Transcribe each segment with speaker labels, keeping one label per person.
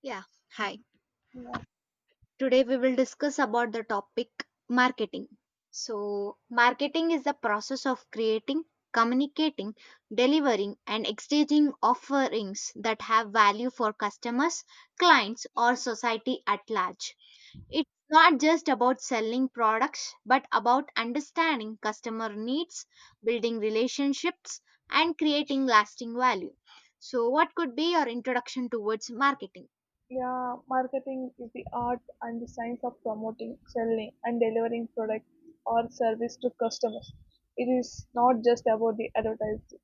Speaker 1: Yeah, hi.
Speaker 2: Yeah,
Speaker 1: Today we will discuss about the topic marketing. So, marketing is the process of creating, communicating, delivering, and exchanging offerings that have value for customers, clients, or society at large. It's not just about selling products, but about understanding customer needs, building relationships, and creating lasting value. So, what could be your introduction towards marketing?
Speaker 2: yeah, Marketing is the art and the science of promoting, selling, and delivering product or service to customers. It is not just about the advertising,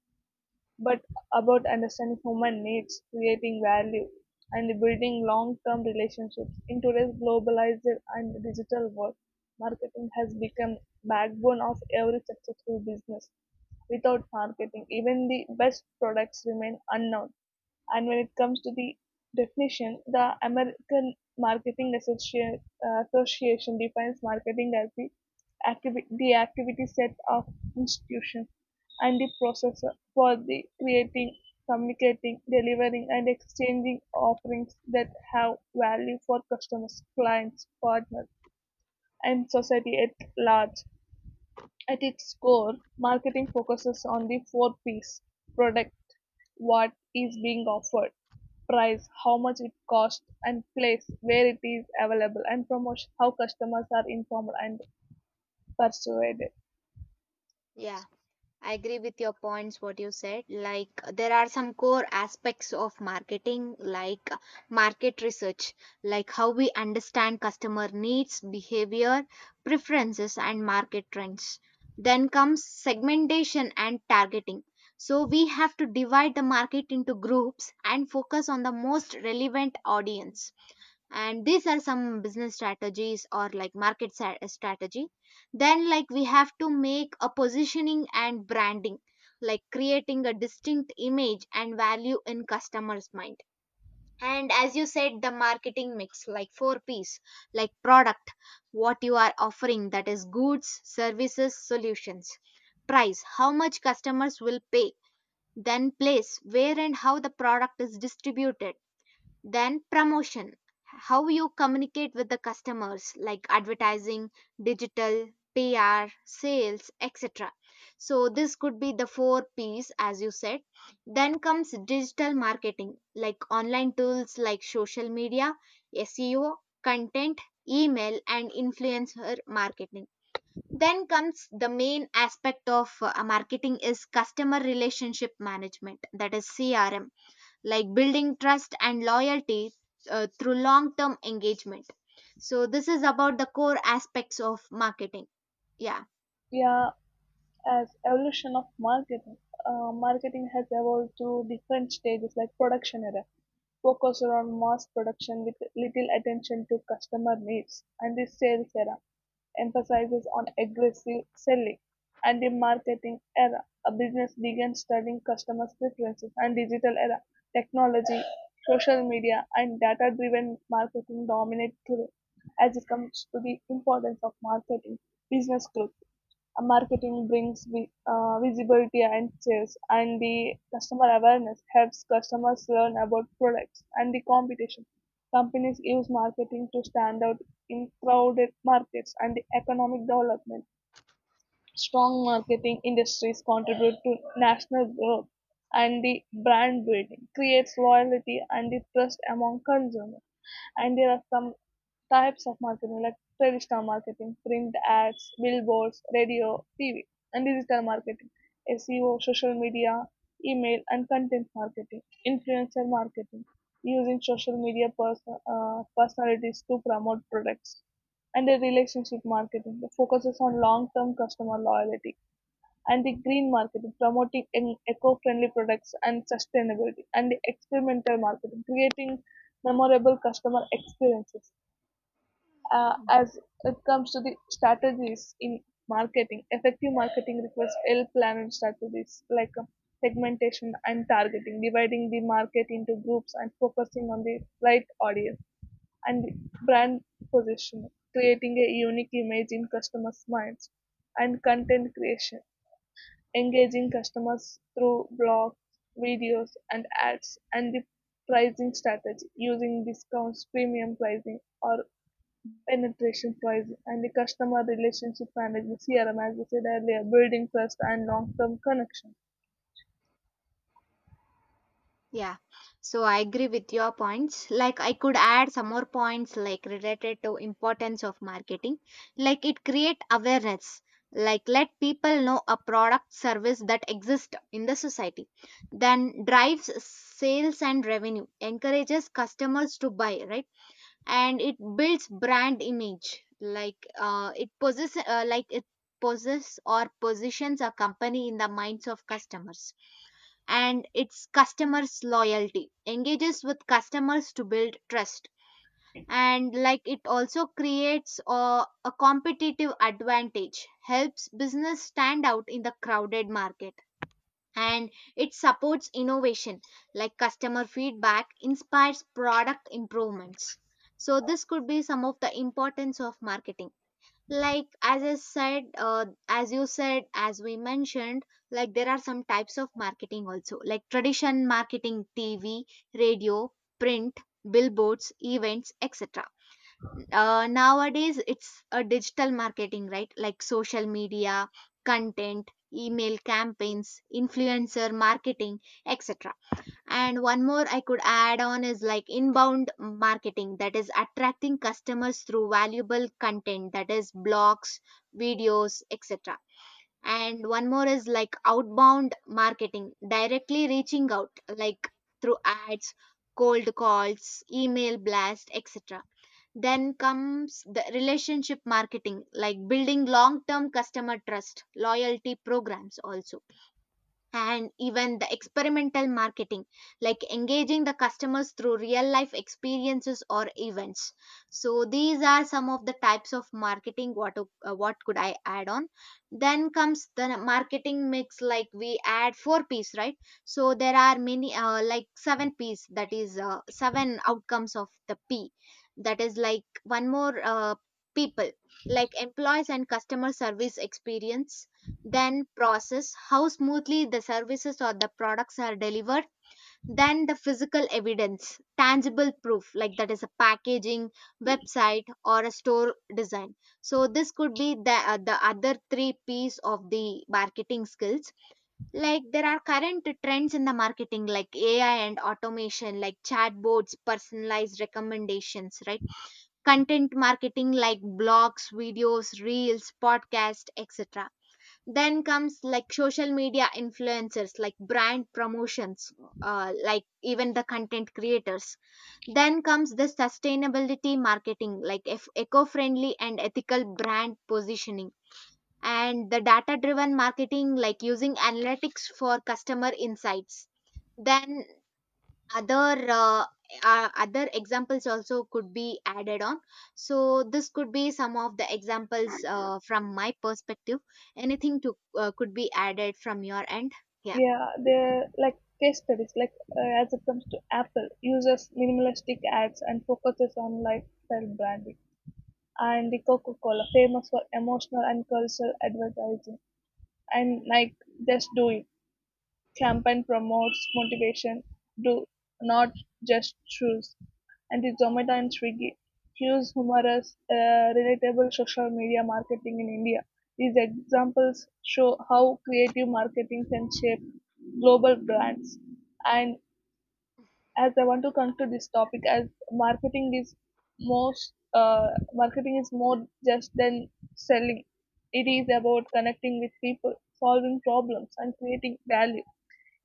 Speaker 2: but about understanding human needs, creating value, and building long-term relationships. In today's globalized and digital world, marketing has become backbone of every successful business. Without marketing, even the best products remain unknown. And when it comes to the definition, the American Association defines marketing as the, the activity set of institutions and the process for the creating, communicating, delivering, and exchanging offerings that have value for customers, clients, partners, and society at large. At its core, marketing focuses on the four P's product, what is being offered, price, how much it costs, and place where it is available, and promotion, how customers are informed and persuaded.
Speaker 1: Yeah, I agree with your points, what you said. Like, there are some core aspects of marketing, like market research, like how we understand customer needs, behavior, preferences, and market trends. Then comes segmentation and targeting. So, we have to divide the market into groups and focus on the most relevant audience, and these are some business strategies or like market strategy. Then, like, we have to make a positioning and branding, like creating a distinct image and value in customers mind. And as you said, the marketing mix like four P's, like product, what you are offering, that is goods, services, solutions; price, how much customers will pay; then place, where and how the product is distributed; then promotion, how you communicate with the customers like advertising, digital, PR, sales, etc. So this could be the four P's as you said. Then comes digital marketing like online tools like social media, SEO, content, email and influencer marketing. Then comes the main aspect of marketing is customer relationship management, that is CRM, like building trust and loyalty through long term engagement. So, this is about the core aspects of marketing. Yeah,
Speaker 2: Yeah, as evolution of marketing, marketing has evolved to different stages like production era, focus around mass production with little attention to customer needs, and the sales era emphasizes on aggressive selling and the marketing era. A business began studying customers' preferences and digital era. Technology, social media, and data driven marketing dominate today. As it comes to the importance of marketing, business growth, marketing brings visibility and sales, and the customer awareness helps customers learn about products, and the competition companies use marketing to stand out in crowded markets, and the economic development strong marketing industries contribute to national growth, and the brand building creates loyalty and the trust among consumers. And there are some types of marketing like traditional marketing, print ads, billboards, radio, TV, and digital marketing, SEO, social media, email, and content marketing, influencer marketing, using social personalities to promote products, and the relationship marketing that focuses on long term customer loyalty, and the green marketing, promoting eco-friendly products and sustainability, and the experimental marketing, creating memorable customer experiences. As it comes to the strategies in marketing, effective marketing requires well-planned strategies like segmentation and targeting, dividing the market into groups and focusing on the right audience, and brand positioning, creating a unique image in customers' minds, and content creation engaging customers through blogs, videos, and ads, and the pricing strategy using discounts, premium pricing, or penetration pricing, and the customer relationship management CRM, as we said earlier, building trust and long term connection.
Speaker 1: yeah. So, I agree with your points. Like, I could add some more points like related to importance of marketing. Like, it create awareness. Like, let people know a product service that exists in the society. Then drives sales and revenue, encourages customers to buy, right? And it builds brand image, like it possess like it possess or positions a company in the minds of customers. And its customers loyalty engages with customers to build trust. And like it also creates a competitive advantage, helps business stand out in the crowded market. And it supports innovation, like customer feedback inspires product improvements. So this could be some of the importance of marketing. Like, as I said, as you said, as we mentioned, like there are some types of marketing also, like tradition marketing, TV, radio, print, billboards, events, etc. Nowadays it's a digital marketing, right? Like social media, content, email campaigns, influencer marketing, etc. And one more I could add on is like inbound marketing, that is attracting customers through valuable content, that is blogs, videos, etc. And one more is like outbound marketing, directly reaching out, like through ads, cold calls, email blast, etc. Then comes the relationship marketing, like building long term customer trust, loyalty programs also. And even the experimental marketing, like engaging the customers through real life experiences or events. So these are some of the types of marketing, what could I add on. Then comes the marketing mix, like we add four piece, right? So there are many, like seven piece, that is seven outcomes of the P. That is like one more, people, like employees and customer service experience. Then process, how smoothly the services or the products are delivered. Then the physical evidence, tangible proof, like that is a packaging, website, or a store design. So this could be the other three piece of the marketing skills. Like there are current trends in the marketing, like AI and automation, like chatbots, personalized recommendations, right? Content marketing like blogs, videos, reels, podcast, etc. Then comes like social media influencers, like brand promotions, like even the content creators. Then comes the sustainability marketing, like eco-friendly and ethical brand positioning. And the data driven marketing, like using analytics for customer insights. Then other other examples also could be added on. So this could be some of the examples from my perspective. Anything to could be added from your end? Yeah.
Speaker 2: Yeah, they're like case studies. As it comes to Apple, uses minimalistic ads and focuses on lifestyle branding. And the Coca Cola, famous for emotional and cultural advertising. And Nike, just do it. Campaign promotes motivation, "Do not just choose," and is Zomato and Swiggy. Hugh's humorous, relatable social media marketing in India. These examples show how creative marketing can shape global brands. And as I want to conclude this topic, as marketing is most uh, marketing is more just than selling. It is about connecting with people, solving problems, and creating value.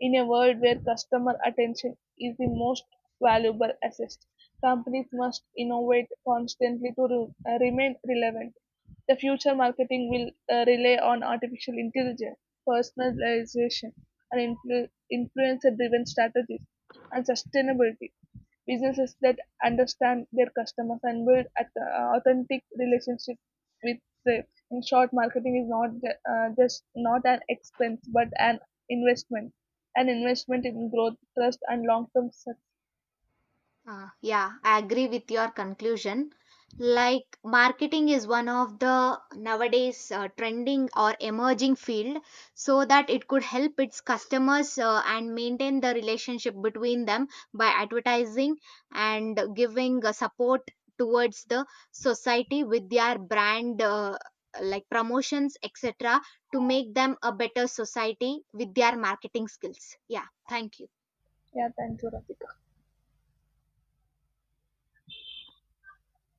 Speaker 2: In a world where customer attention is the most valuable asset, companies must innovate constantly to remain relevant. The future marketing will rely on artificial intelligence, personalization, and influencer-driven strategies, and sustainability. Businesses that understand their customers and build authentic relationships with them. In short, marketing is not ju- just not an expense but an investment. An investment in growth, trust and long-term success.
Speaker 1: Yeah, I agree with your conclusion. Like marketing is one of the nowadays trending or emerging field, so that it could help its customers and maintain the relationship between them by advertising and giving support towards the society with their brand, like promotions, etc., to make them a better society with their marketing skills. Yeah, thank you.
Speaker 2: Yeah, thank you, Radhika.